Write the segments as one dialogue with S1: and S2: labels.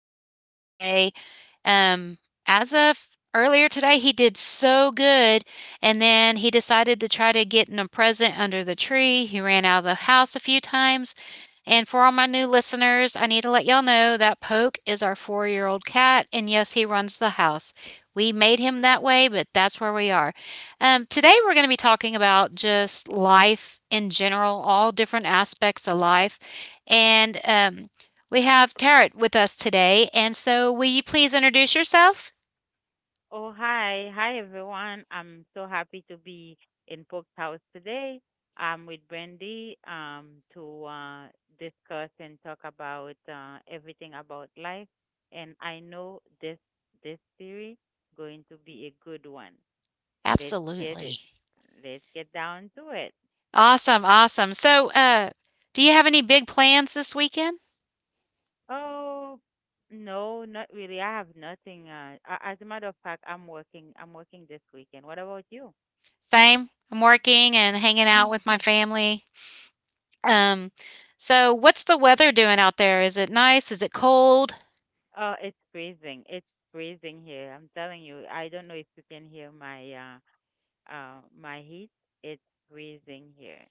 S1: house again today. Um, as of earlier today, he did so good, and then he decided to try to get in a present under the tree. He ran out of the house a few times. And for all my new listeners, I need to let y'all know that Poke is our 4 year old cat, and yes, he runs the house. We made him that way, but that's where we are. Today, we're going to be talking about just life in general, all different aspects of life and we have Tarot with us today. And so, will you please introduce yourself?
S2: Oh, hi. Hi, everyone. I'm so happy to be in Pope's house today. I'm with Brandy to discuss and talk about everything about life. And I know this series going to be a good one. Let's get it.
S1: Absolutely.
S2: Let's get down to it.
S1: Awesome, awesome. So, do you have any big plans this weekend?
S2: Oh, no, not really. I have nothing. As a matter of fact, I'm working. I'm working this weekend. What about you?
S1: Same. I'm working and hanging out with my family. Um, so what's the weather doing out there? Is it nice? Is it cold?
S2: Oh, it's freezing. It's freezing here. I'm telling you. I don't know if you can hear my my heat. It's freezing here.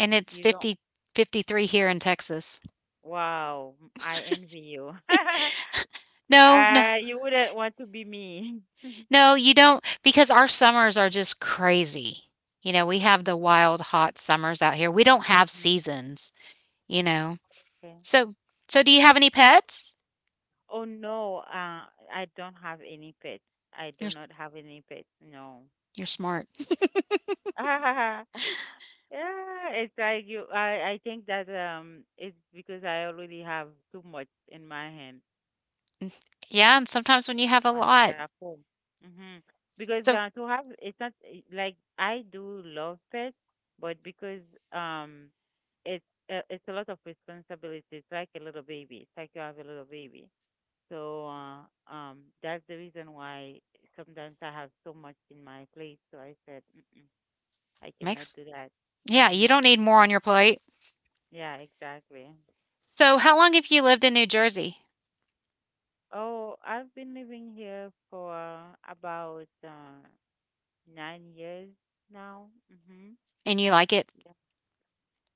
S1: And it's
S2: You don't.
S1: 50, 53 here in Texas.
S2: Wow, I envy you.
S1: No, no,
S2: You wouldn't want to be me. Mhm.
S1: no, you don't because our summers are just crazy. You know, we have the wild, hot summers out here. We don't have seasons, you know.
S2: Okay.
S1: So, so do you have any pets?
S2: Oh no, I don't have any pets. I do
S1: You're
S2: not have any pets. No.
S1: you're smart.
S2: Yeah, it's like you. I think that it's because I already have too much in my hand.
S1: Yeah, and sometimes when you have a
S2: Behind
S1: lot,
S2: our home. hmm Because
S1: so
S2: to have it's not like I do love pets, but because um it's a lot of responsibility. It's like a little baby. It's like you have a little baby. So that's the reason why sometimes I have so much in my plate. So I said mm-mm, I cannot
S1: makes
S2: do that.
S1: yeah, you
S2: hmm
S1: don't need more on your plate.
S2: Yeah, exactly.
S1: So, how long have you lived in New Jersey
S2: Oh, I've been living here for about nine years now. Hmm.
S1: and you like it?
S2: Yeah.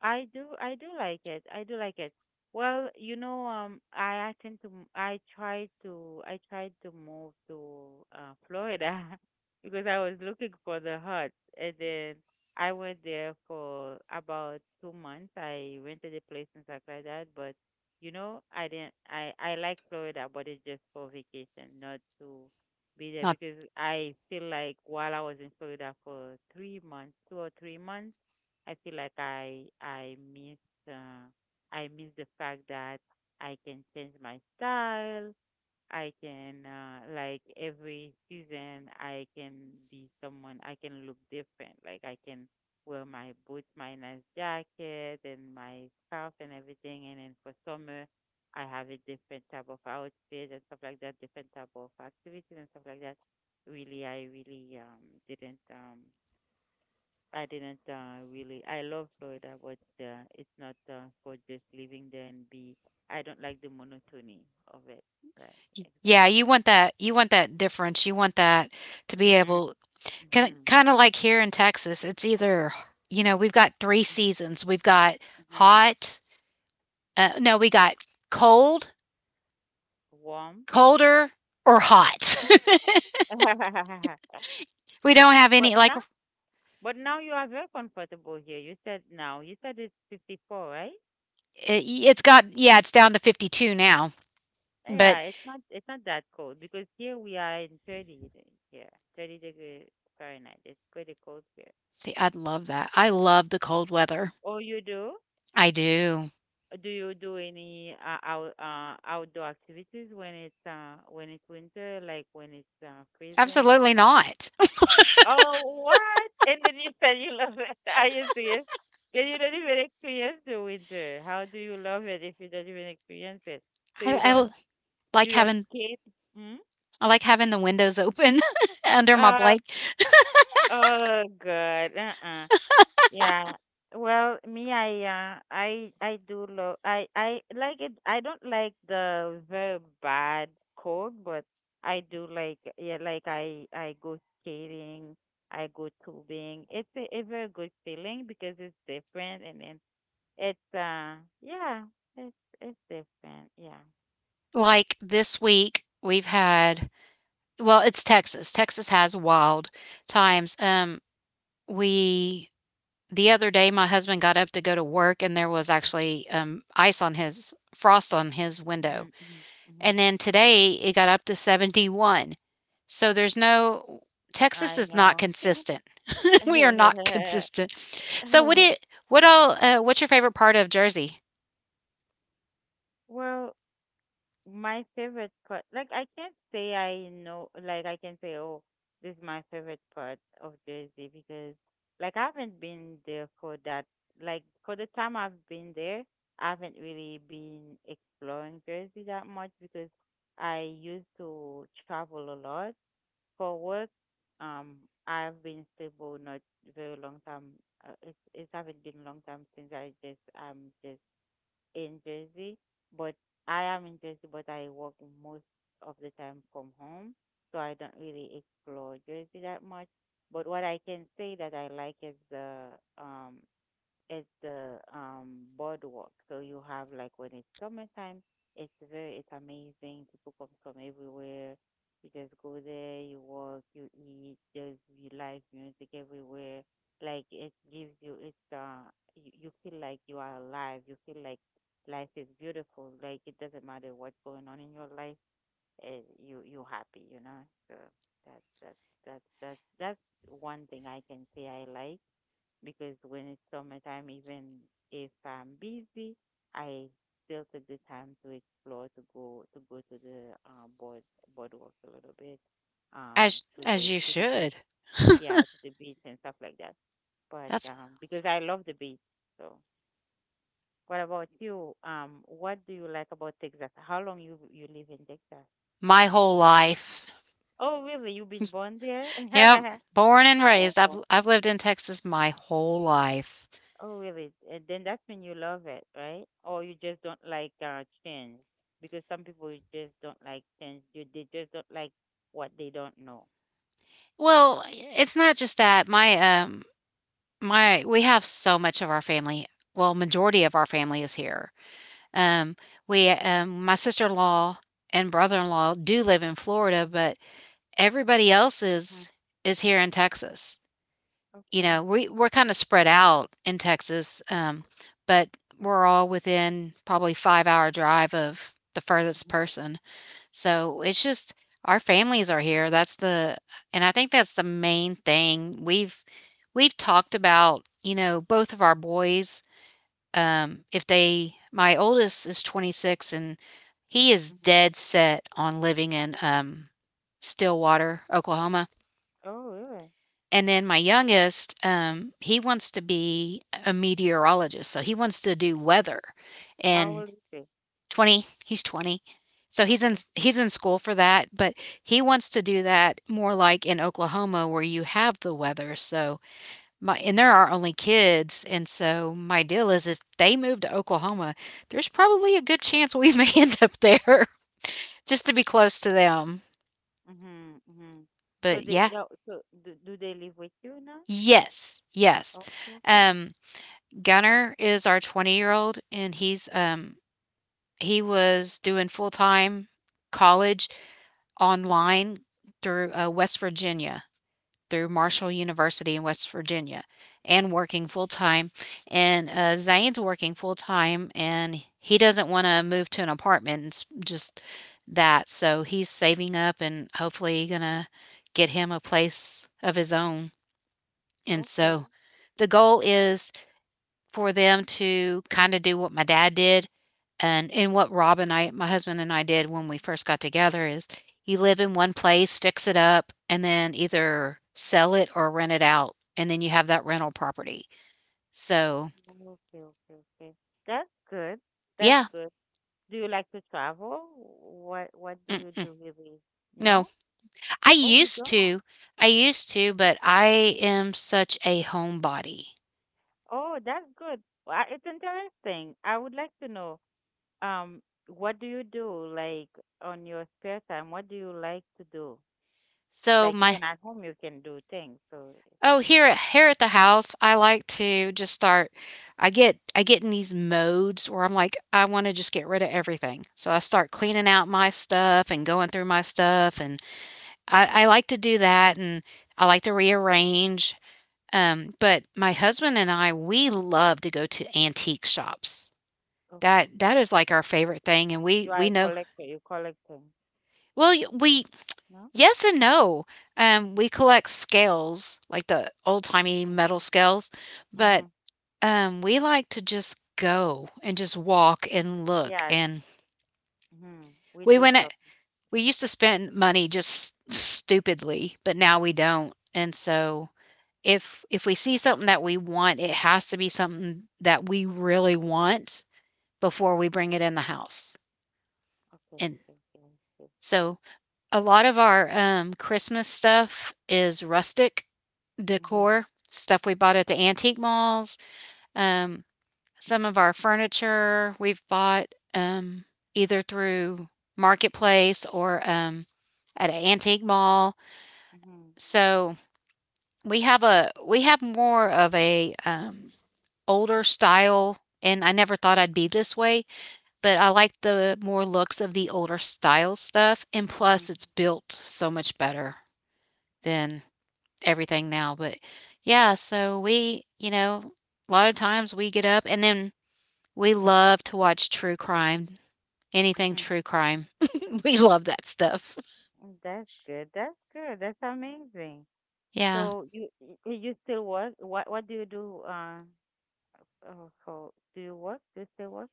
S2: I do like it. I do like it. Well, you know, I tend to I tried to I tried to move to Florida because I was looking for the hut, and then I went there for about two months. I rented a place and stuff like that, but you know, I didn't I like Florida, but it's just for vacation, not to be there
S1: Not
S2: because I feel like while I was in Florida for two or three months I feel like I miss uh, I miss the fact that I can change my style. I can like every season I can be someone. I can look different. Like I can wear my boots, my nice jacket, and my scarf and everything. And then for summer, I have a different type of outfit and stuff like that, different type of activities and stuff like that. I really didn't I didn't really. I love Florida, but it's not for just living there and be. I don't like the monotony of it. Right,
S1: yeah,
S2: exactly.
S1: you want that, you want that difference. You want that to be
S2: Mhm,
S1: able kind
S2: mhm,
S1: of like here in Texas, it's either, you know, we've got 3
S2: mhm,
S1: seasons. We've got
S2: mhm.
S1: hot no, we got cold,
S2: Warm.
S1: colder, or hot. We don't have any
S2: But
S1: like,
S2: now, but now you are very comfortable here. You said now. You said it's 54, right?
S1: it it's got yeah, it's down to 52 now,
S2: Yeah,
S1: but
S2: it's not. It's not that cold because here we are in 30 here, 30-degree Fahrenheit. It's pretty cold here.
S1: see, I'd love that. I love the cold weather.
S2: Oh, you do?
S1: I do.
S2: Do you do any outdoor activities when it's winter, like when it's freezing? When...
S1: Absolutely not.
S2: Oh, what? And then you said you love it. Are you serious? Then you don't even experience the winter. How do you love it if you don't even experience it? So
S1: I I like
S2: you don't
S1: having
S2: skate? Hmm.
S1: I like having the windows open under my
S2: Uh,
S1: blanket.
S2: oh God. Uh-uh. Yeah. Well, I do love. I like it. I don't like the very bad cold, but I do like. Yeah, like I go skating. I go tubing. It's a very good feeling because it's different, and then it's, uh, yeah, it's, it's different. Yeah.
S1: Like, this week, we've had well, it's Texas. Texas has wild times. We the other day, my husband got up to go to work, and there was actually ice on his frost on his window.
S2: Hmm. Hmm. Hmm.
S1: And then today, it got up to 71. So there's no Texas
S2: I
S1: is not
S2: know.
S1: consistent. We are not consistent. So what it what all what's your favorite part of Jersey?
S2: Well, my favorite part, like I can't say I know, like I can say, oh, this is my favorite part of Jersey because, like, I haven't been there for that. Like for the time I've been there, I haven't really been exploring Jersey that much because I used to travel a lot for work. Um, I've been stable not very long time. It haven't been long time since I'm just in Jersey, but I am in Jersey, but I work most of the time from home, so I don't really explore Jersey that much. But what I can say that I like is the um, it's the boardwalk. So you have like when it's summertime, it's amazing. People come from everywhere. You just go there, you walk, you eat, there's you live music everywhere. Like it gives you, you feel like you are alive. You feel like life is beautiful. Like it doesn't matter what's going on in your life, you you happy, you know. So that's that's that's one thing I can say I like because when it's summertime, even if I'm busy, I still take the time to explore, to go to the boardwalk a little bit,
S1: As you
S2: to the beach,
S1: should.
S2: yeah, to the beach and stuff like that. But
S1: That's
S2: because I love the beach, so. What about you? What do you like about Texas? How long you live in Texas?
S1: my whole life.
S2: Oh, really? You've been born there?
S1: Yep, born and raised. I've lived in Texas my whole life.
S2: Oh, really? And then that's when you love it, right? Or you just don't like change because some people just don't like change. You they just don't like what they don't know.
S1: Well, it's not just that. My my we have so much of our family. Well, majority of our family is here. Um we my sister-in-law and brother-in-law do live in Florida, but everybody else
S2: Hmm.
S1: is here in Texas. You
S2: Okay.
S1: know, we're kind of spread out in Texas, but we're all within probably 5-hour drive of the furthest
S2: Mhm,
S1: person. So, it's just our families are here, that's the and I think that's the main thing. We've talked about, you know, both of our boys, if they my oldest is 26 and he is
S2: mhm.
S1: dead set on living in, Stillwater, Oklahoma,
S2: Oh, really?
S1: and then my youngest, he wants to be a meteorologist, so he wants to do weather,
S2: How
S1: and
S2: old is they?
S1: 20. He's 20. So he's in
S2: Okay.
S1: he's in school for that, but he wants to do that more like in Oklahoma where you have the weather. So my and there are only kids, and so my deal is if they move to Oklahoma, there's probably a good chance we may end up there just to be close to them.
S2: Mhm. Mhm. So
S1: But
S2: they
S1: yeah,
S2: yeah, so do they live with you now?
S1: yes, yes.
S2: Okay. Okay.
S1: Um, Gunner is our 20-year-old, and he's he was doing full time college online through
S2: Mhm.
S1: West Virginia, through Marshall University in West Virginia, and working full time. And Zane's working full time, and he doesn't want to move to an apartment and s- just that. So he's saving up and hopefully gonna get him a place of his own. And
S2: Okay.
S1: so the goal is for them to kinda do what my dad did, and what Rob and I my husband and I did when we first got together is you live in one place, fix it up, and then either sell it or rent it out, and then you have that rental property. So,
S2: Okay. Okay. Okay. That's good. That's
S1: yeah,
S2: good. Do you like to travel? What do you
S1: mm-mm,
S2: do really?
S1: no.
S2: No?
S1: I
S2: Oh, you
S1: used
S2: don't.
S1: to, I used to, but I am such a homebody.
S2: Oh, that's good. Well, it's interesting. I would like to know, um, what do you do like on your spare time? What do you like to do?
S1: So
S2: Like
S1: my
S2: even at home, you can do things. So,
S1: oh, here at the house, I like to just start. I get in these modes where I'm like, I want to just get rid of everything. So I start cleaning out my stuff and going through my stuff, and I like to do that, and I like to rearrange. But my husband and I, we love to go to antique shops.
S2: okay,
S1: That that is like our
S2: you
S1: favorite
S2: you,
S1: thing, and
S2: you are
S1: we
S2: a
S1: know
S2: collector. You collect things,
S1: well y- we
S2: no?
S1: yes and no. We collect scales like the old timey
S2: Mhm.
S1: metal scales, but
S2: Mhm.
S1: um, we like to just go and just walk and look,
S2: Yeah.
S1: and
S2: Mhm.
S1: we
S2: Window
S1: went a
S2: shopping.
S1: we used to spend money just stupidly, but now we don't, and so if we see something that we want, it has to be something that we really want before we bring it in the house,
S2: Okay.
S1: and
S2: Okay. Okay. Okay.
S1: so a lot of our, Christmas stuff is rustic
S2: Mhm.
S1: decor, stuff we bought at the antique malls, um some of our furniture we've bought, um, either through Marketplace or, at an antique mall.
S2: Mhm.
S1: So we have a we have more of a, older style, and I never thought I'd be this way, but I like the more looks of the older style stuff, and
S2: Mhm.
S1: plus it's built so much better than everything now, but yeah, so we you know, a lot of times we get up and then we love to watch true crime anything
S2: Mhm.
S1: true crime. We love that stuff.
S2: Mm, that's good. That's good. That's amazing.
S1: Yeah.
S2: So you still work? What do you do? Oh, so do you work? Do you still work?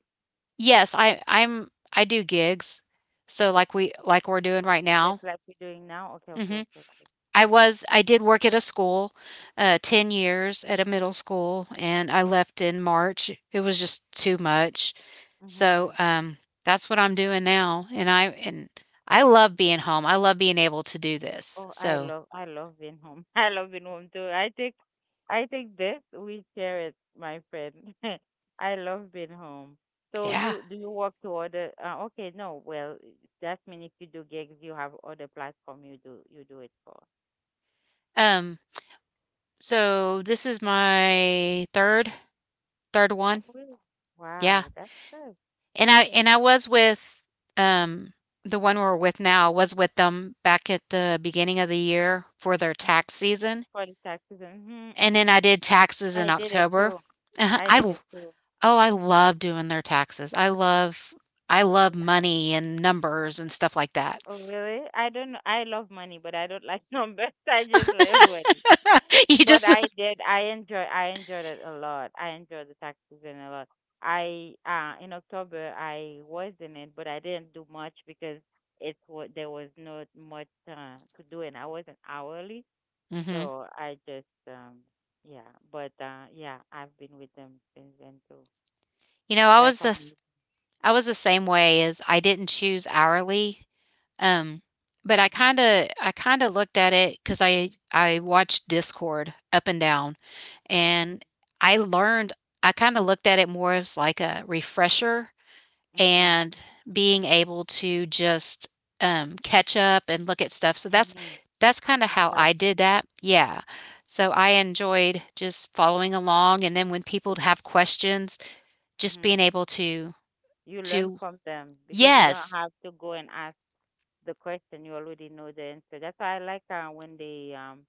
S1: Yes, I do gigs. So like we like we're doing right
S2: Okay,
S1: now.
S2: just like you're doing now. Okay, okay,
S1: Mhm.
S2: okay, okay.
S1: I was I did work at a school, 10 years at a middle school, and I left in March. It was just too much.
S2: Mm-hmm.
S1: So, that's what I'm doing now, and I love being home. I love being able to do this.
S2: Oh,
S1: So,
S2: I love being home. I love being home too. I take this. We share it, my friend. I love being home. So
S1: yeah.
S2: you do you work to other? Okay, no. Well, that means if you do gigs, you have other platform you do it for.
S1: Um, so this is my third
S2: Oh,
S1: one.
S2: really?
S1: Yeah.
S2: Wow, that's good.
S1: And I was with um the one we're with now, I was with them back at the beginning of the year for their
S2: Mm-hmm.
S1: tax season.
S2: For the taxes, mm-hmm, mm-hmm,
S1: And then I
S2: mm-hmm.
S1: did taxes
S2: I
S1: in
S2: did it
S1: October.
S2: too.
S1: Uh-huh.
S2: I did
S1: l-
S2: it too.
S1: oh, I love doing their taxes. I love money and numbers and stuff like that.
S2: Oh, really? I don't know. I love money, but I don't like numbers. I just love money.
S1: you
S2: But
S1: just
S2: I did. I enjoyed it a lot. I enjoyed the tax season a lot. I in October I was in it, but I didn't do much because it's what there was not much to do, and I wasn't hourly,
S1: hmm
S2: so I just yeah. But yeah, I've been with them since then too.
S1: you know, I
S2: That's
S1: was this
S2: amazing.
S1: I was the same way as I didn't choose hourly um, but I
S2: Mhm.
S1: kinda I kinda looked at it because I watched Discord up and down,
S2: Mhm.
S1: and I learned I kinda looked at it more as like a refresher
S2: Mhm.
S1: and being able to just, catch up and look at stuff. So that's
S2: Mhm.
S1: that's kinda how I did
S2: Exactly.
S1: that. Yeah. So I enjoyed just following along, and then when people have questions, just
S2: Mhm.
S1: being able
S2: You learn
S1: to
S2: from them because you don't
S1: yes,
S2: have to go and ask the question. You already know the answer. That's why I like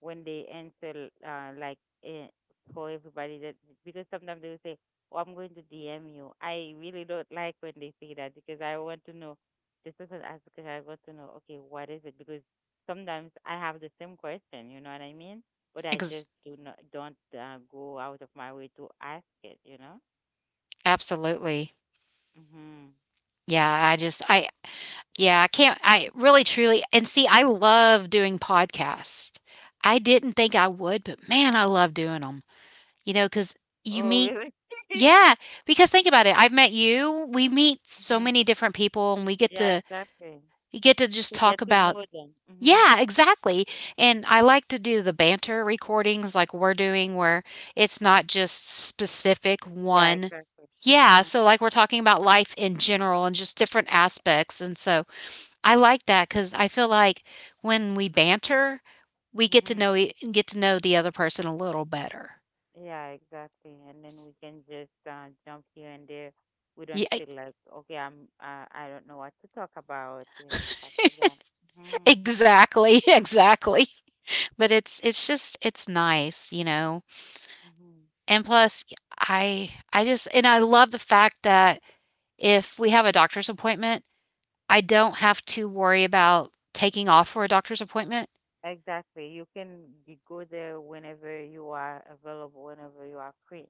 S2: when they answer eh, for everybody that because sometimes they will say, "Oh, I'm going to DM you." I really don't like when they say that because I want to know. This person asked because I want to know. Okay, what is it? Because sometimes I have the same question. You know what I mean? But I just
S1: ex
S2: do not don't go out of my way to ask it. You know.
S1: absolutely.
S2: Hmm.
S1: Yeah, I just I yeah, I can't I really truly and see, I love doing podcasts. I didn't think I would, but man, I love doing them. You know, because you
S2: Oh,
S1: meet
S2: really?
S1: yeah, because think about it, I've met you, we meet so
S2: Mm-hmm.
S1: many different people, and
S2: Yeah, exactly.
S1: we get to just
S2: To get
S1: talk
S2: to
S1: about
S2: know them. Mm-hmm.
S1: yeah, exactly, and I like to do the banter recordings like we're doing where it's not just specific
S2: Yeah,
S1: one
S2: exactly.
S1: yeah,
S2: Mm-hmm.
S1: so, like, we're talking about life in general and just different aspects, and so I like that because I feel like when we banter, we get to
S2: Mm-hmm.
S1: know e- get to know the other person a little better.
S2: Yeah, exactly. And then we can just jump here and there. We don't
S1: Yeah,
S2: feel like, okay, I don't know what to talk about and stuff like that. Mm-hmm.
S1: exactly, exactly. But it's just it's nice, you know.
S2: Mm-hmm.
S1: And plus, I just and I love the fact that if we have a doctor's appointment, I don't have to worry about taking off for a doctor's appointment.
S2: Exactly. You can go there whenever you are available, whenever you are free.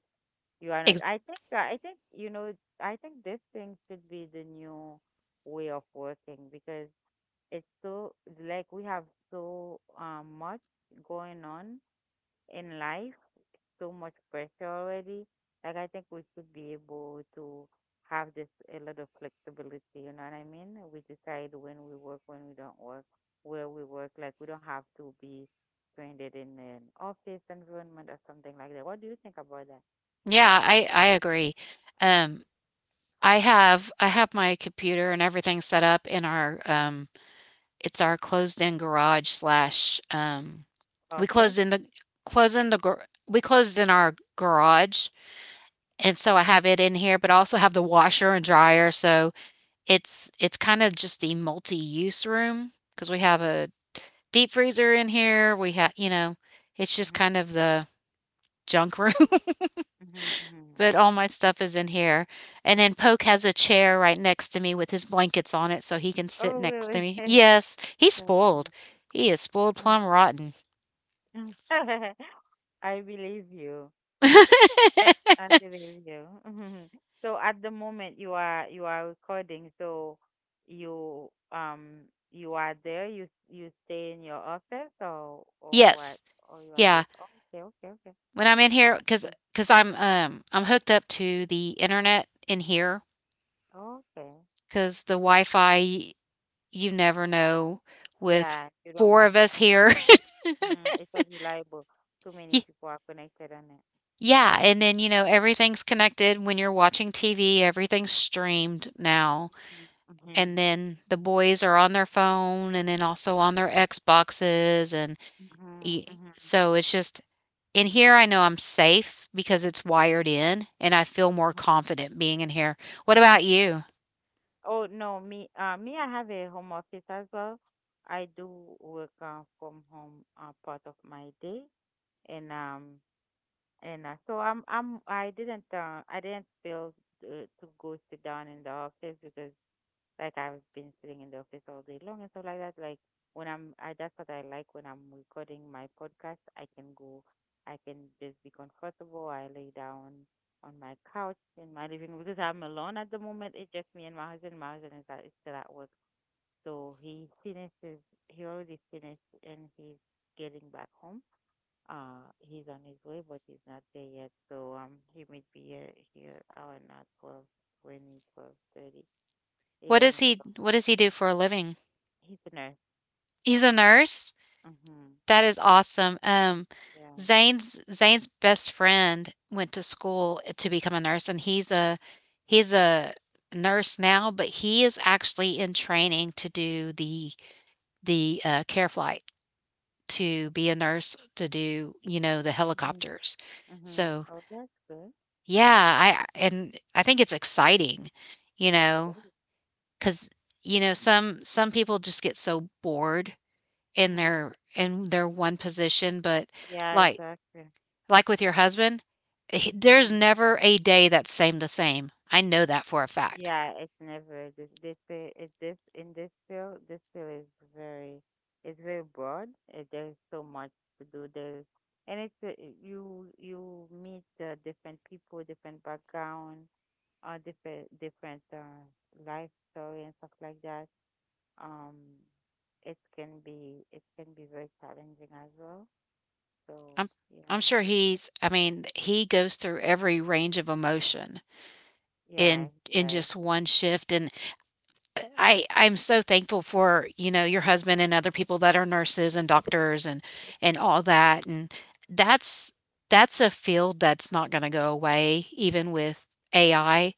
S2: You are not.
S1: Ex-
S2: I think. I think. You know. I think this thing should be the new way of working because it's so like we have so much going on in life, so much pressure already. Like I think we should be able to have this a lot of flexibility. You know what I mean? We decide when we work, when we don't work, where we work. Like we don't have to be stranded in an office environment or something like that. What do you think about that?
S1: yeah, I agree. Um, I have my computer and everything set up in our it's our closed in garage slash we
S2: Office?
S1: closed in the close in the gar- we closed in our garage and so I have it in here but I also have the washer and dryer so it's kind of just the multi-use room because we have
S2: Mhm.
S1: a deep freezer in here we have you know it's just
S2: Mhm.
S1: kind of the junk room
S2: Mhm. Mhm.
S1: but all my stuff is in here and then Poke has a chair right next to me with his blankets on it so he can sit
S2: Oh,
S1: next to
S2: really?
S1: me
S2: That's
S1: yes he's
S2: nice.
S1: spoiled he is spoiled plum rotten
S2: I believe you. I believe you. So at the moment you are recording, so you you are there, you stay in your office or what?
S1: Yes.
S2: Or you are
S1: Yeah.
S2: just oh, okay, okay, okay.
S1: When I'm in here, because
S2: Yes.
S1: 'cause 'cause I'm hooked up to the internet in here
S2: Okay.
S1: because the Wi-Fi, you never know with
S2: Yeah, you don't
S1: 4
S2: want
S1: of
S2: to,
S1: us here.
S2: it's not it's not reliable. Too many
S1: Y
S2: people are connected on it.
S1: yeah, and then, everything's connected when you're watching TV, everything's streamed now,
S2: Mm-hmm.
S1: and then the boys are on their phone and then also on their Xboxes and
S2: Mm-hmm.
S1: y
S2: Mm-hmm.
S1: so it's just in here, I know I'm safe because it's
S2: Mm-hmm.
S1: wired in and I feel more confident being in here. What about you?
S2: Oh, no, me, I have a home office as well. I do work from home part of my day, and um, and so I'm, I didn't feel to go sit down in the office because like I've been sitting in the office all day long and stuff like that. Like when I'm, I that's what I like when I'm recording my podcast. I can just be comfortable. I lay down on my couch in my living room because I'm alone at the moment. It's just me and my husband. My husband is still at work, so he finishes. He already finished and he's getting back home. He's on his way, but he's not there yet. So he might be here hour not 12:20, 12:30
S1: What does
S2: a.m.
S1: he
S2: So.
S1: what does he do for a living?
S2: He's a nurse.
S1: He's a nurse?
S2: Mhm.
S1: That is awesome.
S2: Yeah.
S1: Zane's best friend went to school to become a nurse and he's a nurse now, but he is actually in training to do the care flight to be a nurse to do, you know, the
S2: Mhm.
S1: helicopters.
S2: Mhm.
S1: So
S2: Oh, that's good.
S1: yeah, I and I think it's exciting, you
S2: Yeah, it
S1: know,
S2: is.
S1: because you know, some people just get so bored in
S2: Mhm.
S1: their one position, but
S2: Yeah,
S1: like
S2: exactly.
S1: like with your husband, he there's
S2: Mhm.
S1: never a day that's same the same. I know that for a fact.
S2: Yeah, it's never this this fi- it's this in this field. This field is very, it's very broad. There's so much to do. There's and it's you meet different people, different background, or different life story and stuff like that. um it can be, it can be very challenging as well. So
S1: I'm I'm
S2: yeah.
S1: sure he's, I mean, he goes through every range of emotion
S2: Yeah,
S1: in
S2: it does.
S1: just one shift, and I'm so thankful for, you know, your husband and other people that are nurses and doctors and all that, and that's that's a field that's not gonna go away even with AI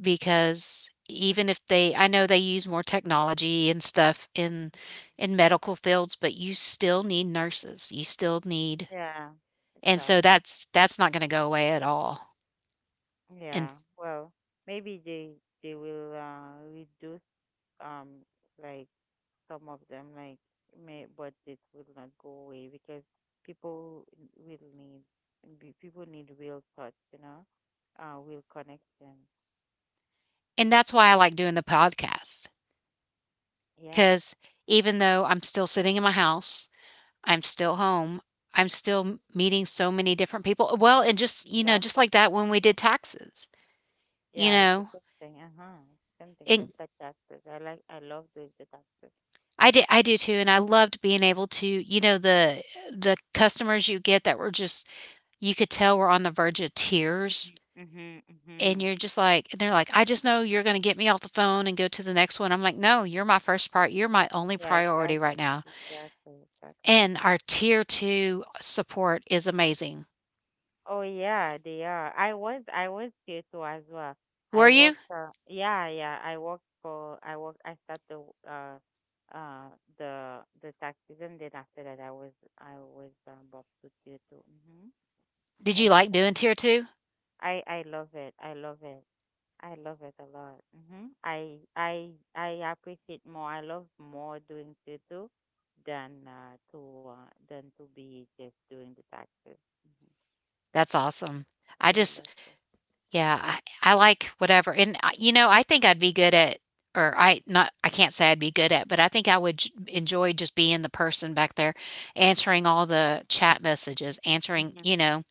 S1: because even if they I know they use more technology and stuff in medical fields, but you still need nurses. You still need,
S2: Yeah.
S1: and so
S2: Exactly.
S1: that's not gonna go away at all. And
S2: Yeah. Well, maybe they will reduce, um like some of them, like may but it will not go away because people will need people need real touch, you know, real connection.
S1: and that's why I like doing the podcast
S2: Yeah.
S1: because even though I'm still sitting in my house, I'm still home. I'm still m meeting so many different people. Well, and just, you know,
S2: That's.
S1: just like that when we did taxes, you
S2: Yeah, it's the
S1: know,
S2: same thing, uh-huh, it's the same thing,
S1: and
S2: just like taxes. I love doing the taxes.
S1: I do too, and I loved being able to, you know, the customers you get that were just you could tell were on the verge of tears,
S2: Mhm,
S1: and
S2: mhm.
S1: you're just like, and they're like, "I just know you're gonna get me off the phone and go to the next one." I'm like, "No, you're my first pri you're my only
S2: Yeah,
S1: priority right
S2: exactly,
S1: now."
S2: exactly, exactly.
S1: And our tier 2 support is amazing.
S2: Oh yeah, they are. I was here too as well.
S1: Were
S2: I
S1: you?
S2: worked yeah, yeah, I worked for I worked I started the uh uh the taxes, and then after that I was bought to tier two. Mm-hmm.
S1: Did
S2: I
S1: you
S2: worked
S1: like
S2: at
S1: doing
S2: tier
S1: tier 2?
S2: two. I love it. I love it. I love it a lot. I appreciate more. I love more doing tutu than to than to be just doing the taxes.
S1: That's awesome.
S2: I
S1: I
S2: really
S1: just
S2: love that.
S1: yeah, I like whatever, and, I, you know, I think I'd be good at, or I not I can't say I'd be good at, but I think I would j enjoy just being the person back there answering all the chat messages, answering,
S2: Hmm.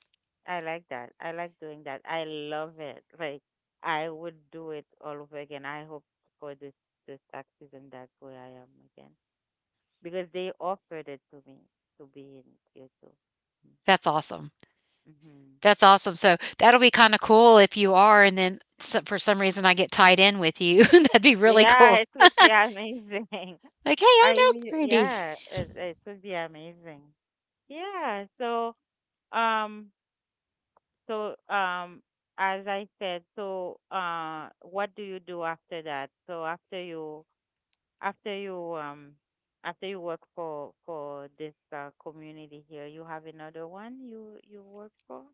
S2: I like that. I like doing that. I love it. Like I would do it all over again. I hope for this tax season that's where I am again because they offered it to me to be in tutu.
S1: that's awesome.
S2: Mm-hmm.
S1: That's awesome, so that'll be kinda cool if you are, and then so for some reason, I get tied in with you. That'd be really
S2: Yeah,
S1: cool.
S2: it would be amazing.
S1: Like, "Hey, I
S2: I
S1: know
S2: mean,
S1: Brandy."
S2: yeah, it would be amazing. Yeah, so um so um as I said, so uh, what do you do after that? So after you um after you work for this community here, you have another one you work for?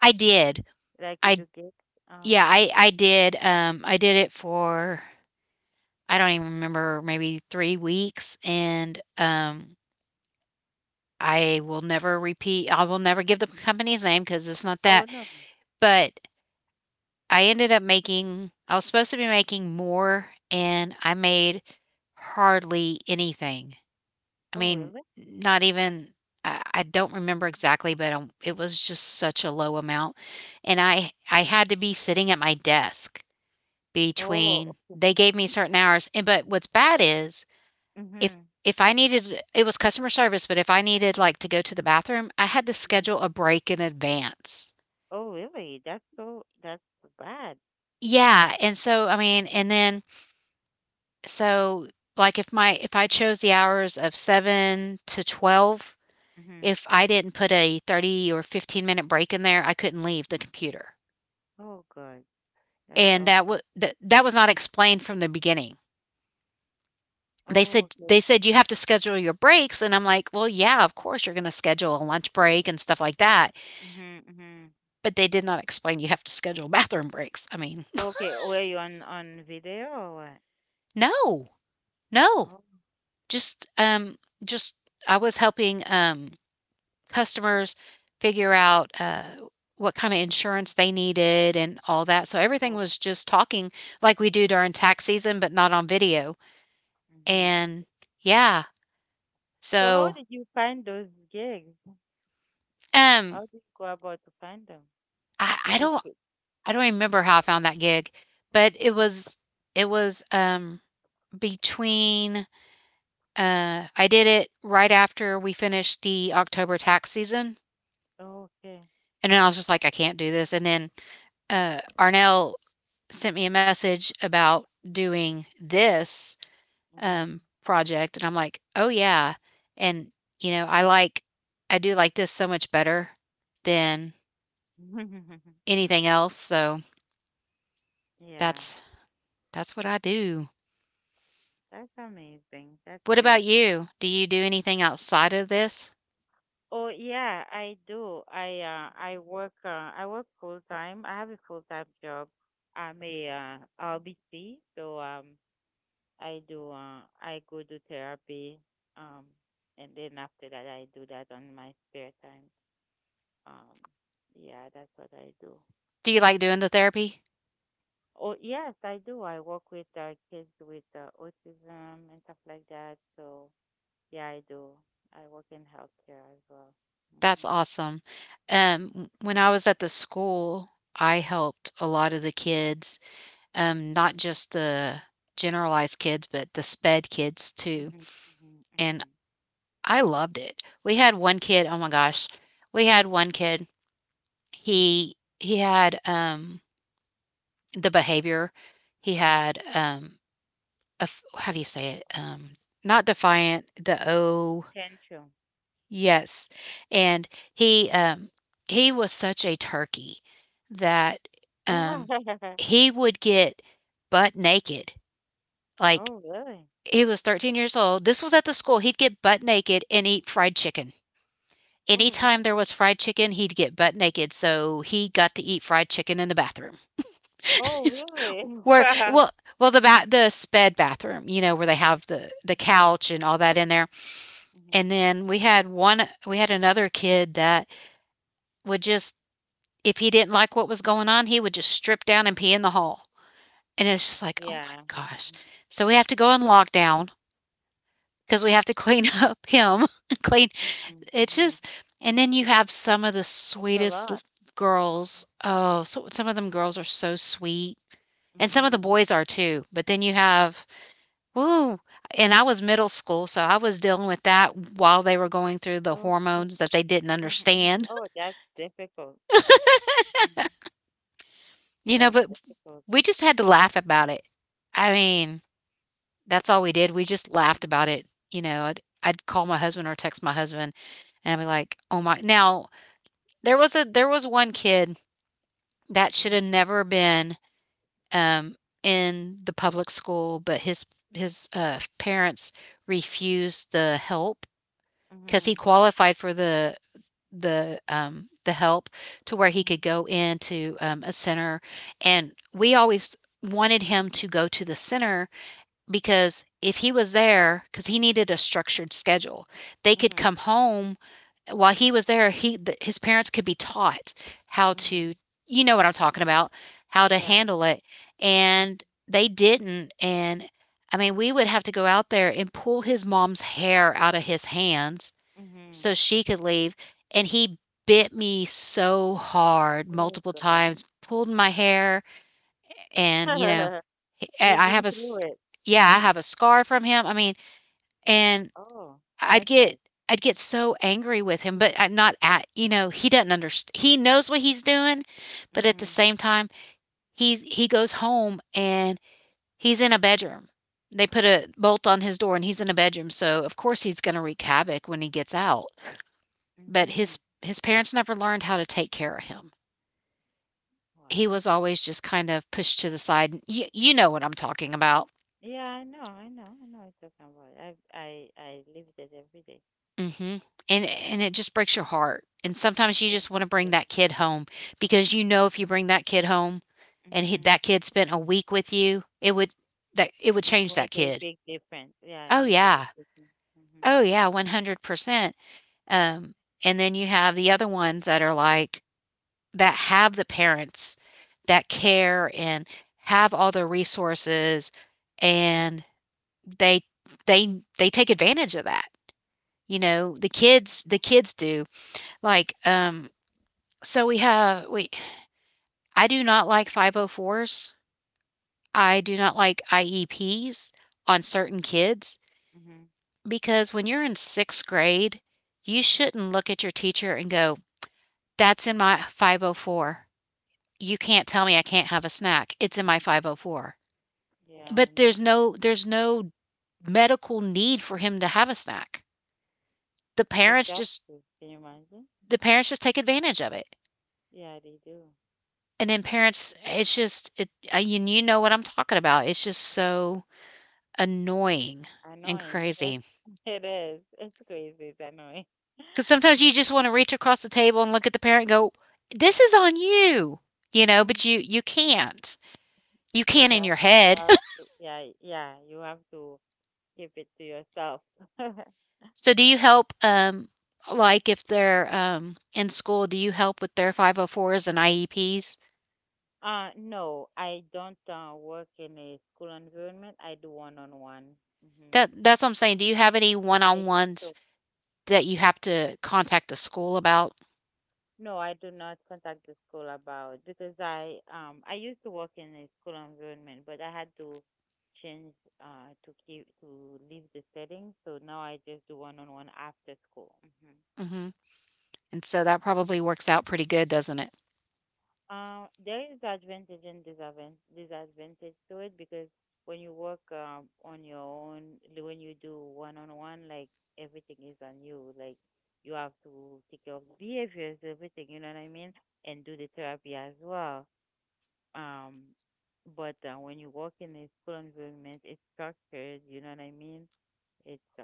S1: I did.
S2: Like you
S1: I
S2: do gigs? Oh,
S1: yeah,
S2: okay.
S1: I did it for I don't even remember, maybe 3 weeks, and, I will never give the company's name because it's not that,
S2: Oh no.
S1: but I ended up making I was supposed to be making more, and I made hardly anything. I
S2: Oh
S1: mean,
S2: really?
S1: not even I don't remember exactly, but, it was just such a low amount, and I had to be sitting at my desk
S2: Oh.
S1: between they gave me certain hours, and but what's bad is if
S2: Mhm.
S1: I needed, it was customer service, but if I needed like to go to the bathroom, I had to
S2: Mhm.
S1: schedule a break in advance.
S2: Oh, really? That's bad.
S1: Yeah, and so I mean, and then so like if my if I chose the hours of 7 to 12,
S2: Mhm.
S1: if I didn't put a 30 or 15-minute break in there, I couldn't leave the computer.
S2: Oh God, that's
S1: And that
S2: awful.
S1: was that, that was not explained from the beginning. They
S2: Oh,
S1: said
S2: okay.
S1: they said you have to schedule your breaks, and I'm like, "Well, yeah, of course you're going to schedule a lunch break and stuff like that."
S2: Mhm, mhm.
S1: But they did not explain you have to schedule bathroom breaks. I mean,
S2: Okay, oh, were you on video or what?
S1: no, no.
S2: Oh,
S1: Just, um, just I was helping customers figure out what kind of insurance they needed and all that. So everything
S2: no.
S1: was just talking like we do during tax season, but not on video.
S2: Mhm.
S1: And
S2: Okay.
S1: yeah,
S2: So how
S1: so
S2: did you find those gigs?
S1: um,
S2: How did you go about to find them?
S1: I, I
S2: Did you?
S1: don't,
S2: fi-
S1: I don't remember how I found that gig, but it was between I did it right after we finished the October tax season,
S2: Oh, okay.
S1: and then I was just like, "I can't do this." And then, Arnell sent me a message about doing this,
S2: Mhm.
S1: project, and I'm like, "Oh, yeah." And, you know, I do like this so much better than anything else, so
S2: Yeah,
S1: that's that's what I do.
S2: that's amazing. That's
S1: What
S2: good.
S1: about you? Do you do anything outside of this?
S2: Oh yeah, I do. I work full time. I have a full time job. I'm a RBC, so I do I go do therapy um and then after that I do that on my spare time. Um yeah, that's what I do.
S1: Do you like doing the therapy?
S2: Oh yes, I do. I work with kids with autism and stuff like that. So yeah, I do. I work in healthcare as well.
S1: That's
S2: Mhm.
S1: awesome. When I was at the school, I helped a lot of the kids, not just the generalized kids, but the sped kids too.
S2: Mhm. Mhm.
S1: And
S2: Mhm.
S1: I loved it. We had one kid, oh my gosh, we had one kid.
S2: Mhm.
S1: He had the behavior. He
S2: Mhm.
S1: had how do you say it? Not defiant. The O
S2: Tantrum.
S1: yes, and he, um he was such a turkey that, um, he would get butt naked, like,
S2: Oh, really?
S1: he was 13 years old, this was at the school, he'd get butt naked and eat fried chicken.
S2: Oh, really?
S1: Anytime there was fried chicken, he'd get butt naked, so he got to eat fried chicken in the bathroom.
S2: Oh, really?
S1: Where
S2: Wow.
S1: well, well, the sped bathroom, you know, where they have the
S2: Mhm.
S1: couch and all that in there,
S2: Mhm.
S1: and then we had another kid that would just if he didn't like what was going on, he would just strip down and pee in the hall. And it's just like, oh my
S2: Yeah.
S1: gosh.
S2: Mhm.
S1: So we have to go on lockdown because we have to clean up him. Clean.
S2: Mhm.
S1: It's
S2: Mhm.
S1: just, and then you have some of the
S2: That's a
S1: sweetest
S2: lot. Mm.
S1: girls. Oh, so some of them girls are so sweet. And some of the
S2: Mhm.
S1: boys are too. But then you have, woo. And I was middle school, so I was dealing with that while they were going through the
S2: Okay.
S1: hormones that they didn't
S2: Mhm. Mhm.
S1: understand.
S2: Oh, that's difficult. Mhm.
S1: You know,
S2: That's
S1: but
S2: difficult.
S1: we just had to laugh about it. I mean, that's all we did. We just laughed
S2: Mhm.
S1: about it. You know, I'd call my husband or text my husband and I'd be like, "Oh my." Now, there was one kid that should
S2: Mhm.
S1: have never been um in the public school, but his parents refused the help because he
S2: Mhm.
S1: qualified for the the help to where he could
S2: Mhm.
S1: go into a center, and we always wanted him to go to the center because if he was there, because he needed a structured schedule, they could
S2: Mhm.
S1: come home while he was there, his parents could be taught how
S2: Mhm.
S1: to, you know what I'm talking about, how to
S2: Yeah.
S1: handle it,
S2: Mm.
S1: and they didn't, and I mean, we would have to go out there and pull his mom's hair out of his hands
S2: Mhm.
S1: so she could leave, and he bit me so hard
S2: Oh,
S1: multiple
S2: God.
S1: times, pulled my hair, and you know, and
S2: You've
S1: I
S2: been
S1: have a s
S2: through it.
S1: yeah, I
S2: Mhm.
S1: have a scar from him, I mean, and
S2: Oh,
S1: I'd
S2: that bad.
S1: get I'd get so angry with him, but I'm not at, you know, he doesn't underst he knows what he's doing, but at the
S2: Mhm.
S1: same time, he goes home and he's in a bedroom. They put a bolt on his door and he's in a bedroom, so of course he's gonna wreak havoc when he gets out. But
S2: Mhm.
S1: his parents never learned how to take care of him.
S2: Wow.
S1: He was always just kind of pushed to the side. You know what I'm talking about.
S2: Yeah, I know, I know, I know what you're talking about. I live that every day.
S1: Mhm. And it just breaks your heart. And sometimes you
S2: Yeah.
S1: just wanna bring
S2: That.
S1: that kid home because you know if you bring that kid home and he
S2: Mm-hmm.
S1: that kid spent a week with you, it would that it would
S2: It
S1: change that
S2: make a
S1: kid.
S2: big difference. Yeah, it
S1: Oh,
S2: make a
S1: yeah.
S2: big difference. Mm-hmm.
S1: Oh, yeah, 100%. Um, and then you have the other ones that are like that have the parents that care and have all the resources, and they they take advantage of that. You know, the kids do. Like, um, So we have we I do not like 504s. I do not like IEPs on certain kids
S2: Mm-hmm. Mm-hmm.
S1: because when you're in 6th grade, you shouldn't look at your teacher and go, "That's in my 504. You can't tell me I can't have a snack. It's in
S2: Mm-hmm.
S1: my
S2: Mm-hmm.
S1: 504."
S2: Yeah,
S1: But
S2: I know.
S1: there's no medical need for him to have a snack. The parents just
S2: Exactly. Can you imagine?
S1: the parents just take advantage of it.
S2: Yeah, they do.
S1: And then parents it's just it, you know what I'm talking about. It's just so annoying and
S2: Annoying. Yes,
S1: crazy because
S2: it is. It's crazy. It's annoying.
S1: sometimes you just wanna reach across the table and look at the parent and go, "This is on you," you know, but you
S2: Mm-hmm.
S1: you can't. You can in your
S2: Exactly. You
S1: head.
S2: have to, yeah, yeah, you have to keep it to yourself.
S1: So do you help, like, if they're, in school, do you help with their 504s and IEPs?
S2: No, I don't work in a school environment. I do one-on-one. Hmm.
S1: That's what I'm saying. Do you have any
S2: I used
S1: one-on-ones
S2: to.
S1: that you have to contact the school about?
S2: No, I do not contact the school about because I used to work in a school environment, but I had to change to leave the setting. So now I just do one-on-one after school. Mm-hmm.
S1: Mhm. And so that probably works out pretty good, doesn't it?
S2: There is advantage and disadvantage to it because when you work on your own, when you do one on one, like everything is on you. Like you have to take care of the behaviors, everything. You know what I mean? And do the therapy as well. Um, but when you work in a school environment, it's structured. You know what I mean? It's uh,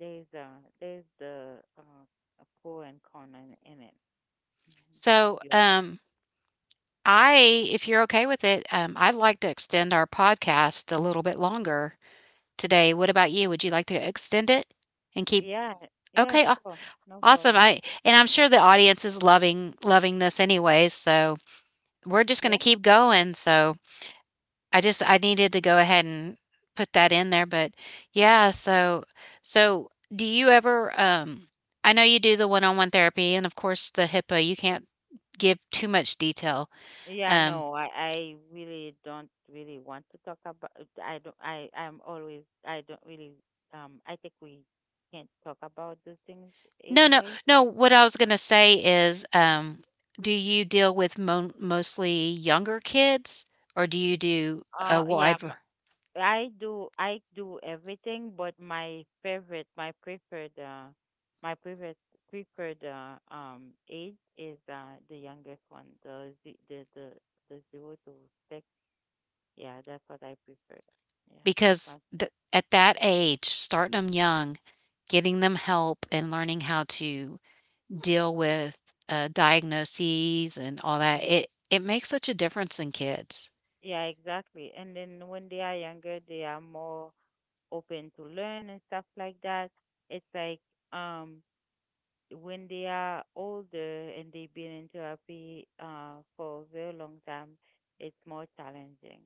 S2: there's uh, there's the a pro and con in it. Mhm.
S1: So,
S2: You are not.
S1: um I, if you're okay with it, I'd like to extend our podcast a little bit longer today. What about you? Would you like to extend it and keep?
S2: Yeah, yeah,
S1: Okay,
S2: sure. No
S1: awesome.
S2: problem.
S1: I and I'm sure the audience is loving this anyway, so we're just going to
S2: Yeah.
S1: keep going. So I needed to go ahead and put that in there, but yeah. So do you ever? I know you do the one on one therapy, and of course the HIPAA. You can't give too much detail.
S2: Yeah,
S1: Um,
S2: no, I really don't really want to talk about. I'm always I don't really I think we can't talk about those things
S1: No, no,
S2: anyway.
S1: no, what I was gonna say is, do you deal with mon mostly younger kids, or do you do a
S2: Uh yeah,
S1: wide
S2: m-
S1: var
S2: I do, I do everything, but my favorite, my preferred preferred age is the youngest one, the ze- the zero to six. Yeah, that's what I prefer. Yeah, that's my
S1: Because the
S2: favorite.
S1: at that age, starting them young, getting them help and learning how to deal with, diagnoses and all that,
S2: Mm-hmm.
S1: it makes such a difference in kids.
S2: Yeah, exactly. And then when they are younger, they are more open to learn and stuff like that. It's like um when they are older and they've been in therapy for a very long time, it's more challenging.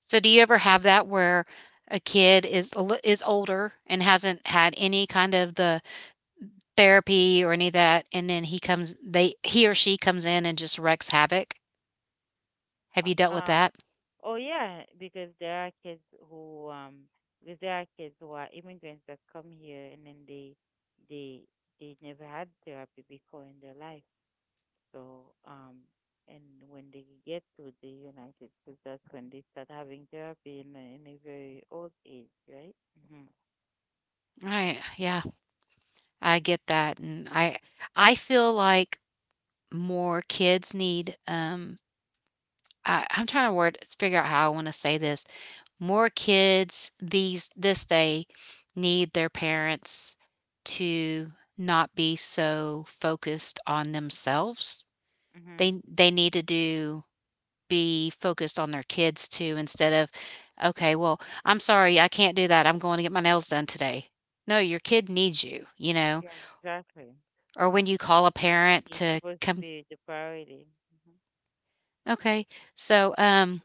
S1: So, do you ever have that where a kid is a lit is older and hasn't had any kind of therapy or any of that, and then he or she comes in and just wrecks havoc. Have you dealt with
S2: Uh,
S1: that?
S2: oh yeah, because there are kids who um who are immigrants that come here and then they they never had therapy before in their life. So, and when they get to the United States, that's when they start having therapy in in a very old age, right? Mm-hmm.
S1: I yeah, I get that, and I feel like more kids need, I'm trying to word figure out how I wanna say this. More kids these this day need their parents to not be so focused on themselves.
S2: Mm-hmm.
S1: They need to do be focused on their kids too instead of, "Okay, well, I'm sorry, I can't do that. I'm going to get my nails done today." No, your kid needs you, you know?
S2: Yeah, exactly.
S1: Or when you call a parent
S2: It's
S1: to
S2: supposed to
S1: come.
S2: be the priority. Hmm.
S1: Okay. So, um,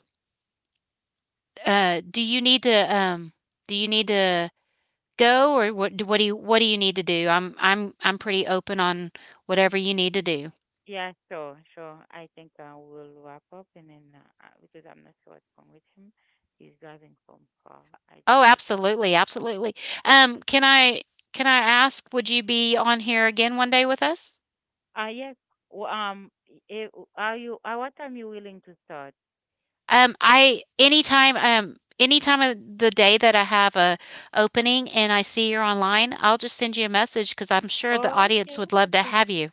S1: uh, do you need to, do you need to go or what do you need to do? I'm pretty open on whatever you need to do.
S2: Yeah, sure, sure. I think we'll wrap up, and then because I'm not sure what's wrong with him. He's driving from far. I just
S1: Oh,
S2: would like to.
S1: absolutely, absolutely. Um, can I can I ask, would you be on here again one day with us?
S2: Yes. w- Um, i- i- are you, what time you willing to start?
S1: I anytime, anytime of the day that I have a opening and I see you're online, I'll just send you a message because I'm sure the
S2: Oh,
S1: audience
S2: okay,
S1: would love to
S2: okay.
S1: have you.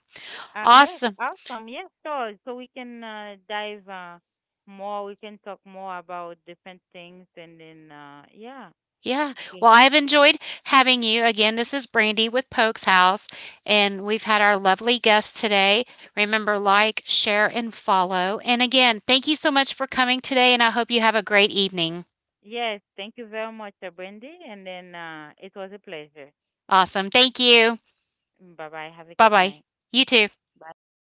S2: Yes,
S1: Awesome.
S2: awesome. Yes, so so we can dive more. We can talk more about different things, and then yeah,
S1: Yeah.
S2: because
S1: Well, I've enjoyed having you. Again, this is Brandy with Pokes House, and we've had our lovely guest today. Remember, like, share, and follow. And again, thank you so much for coming today, and I hope you have a great evening.
S2: yes, thank you very much, Brandy, and then it was a pleasure.
S1: Awesome. Thank you.
S2: Bye bye. Have a
S1: Bye
S2: good
S1: bye.
S2: night.
S1: You too.
S2: Bye everyone.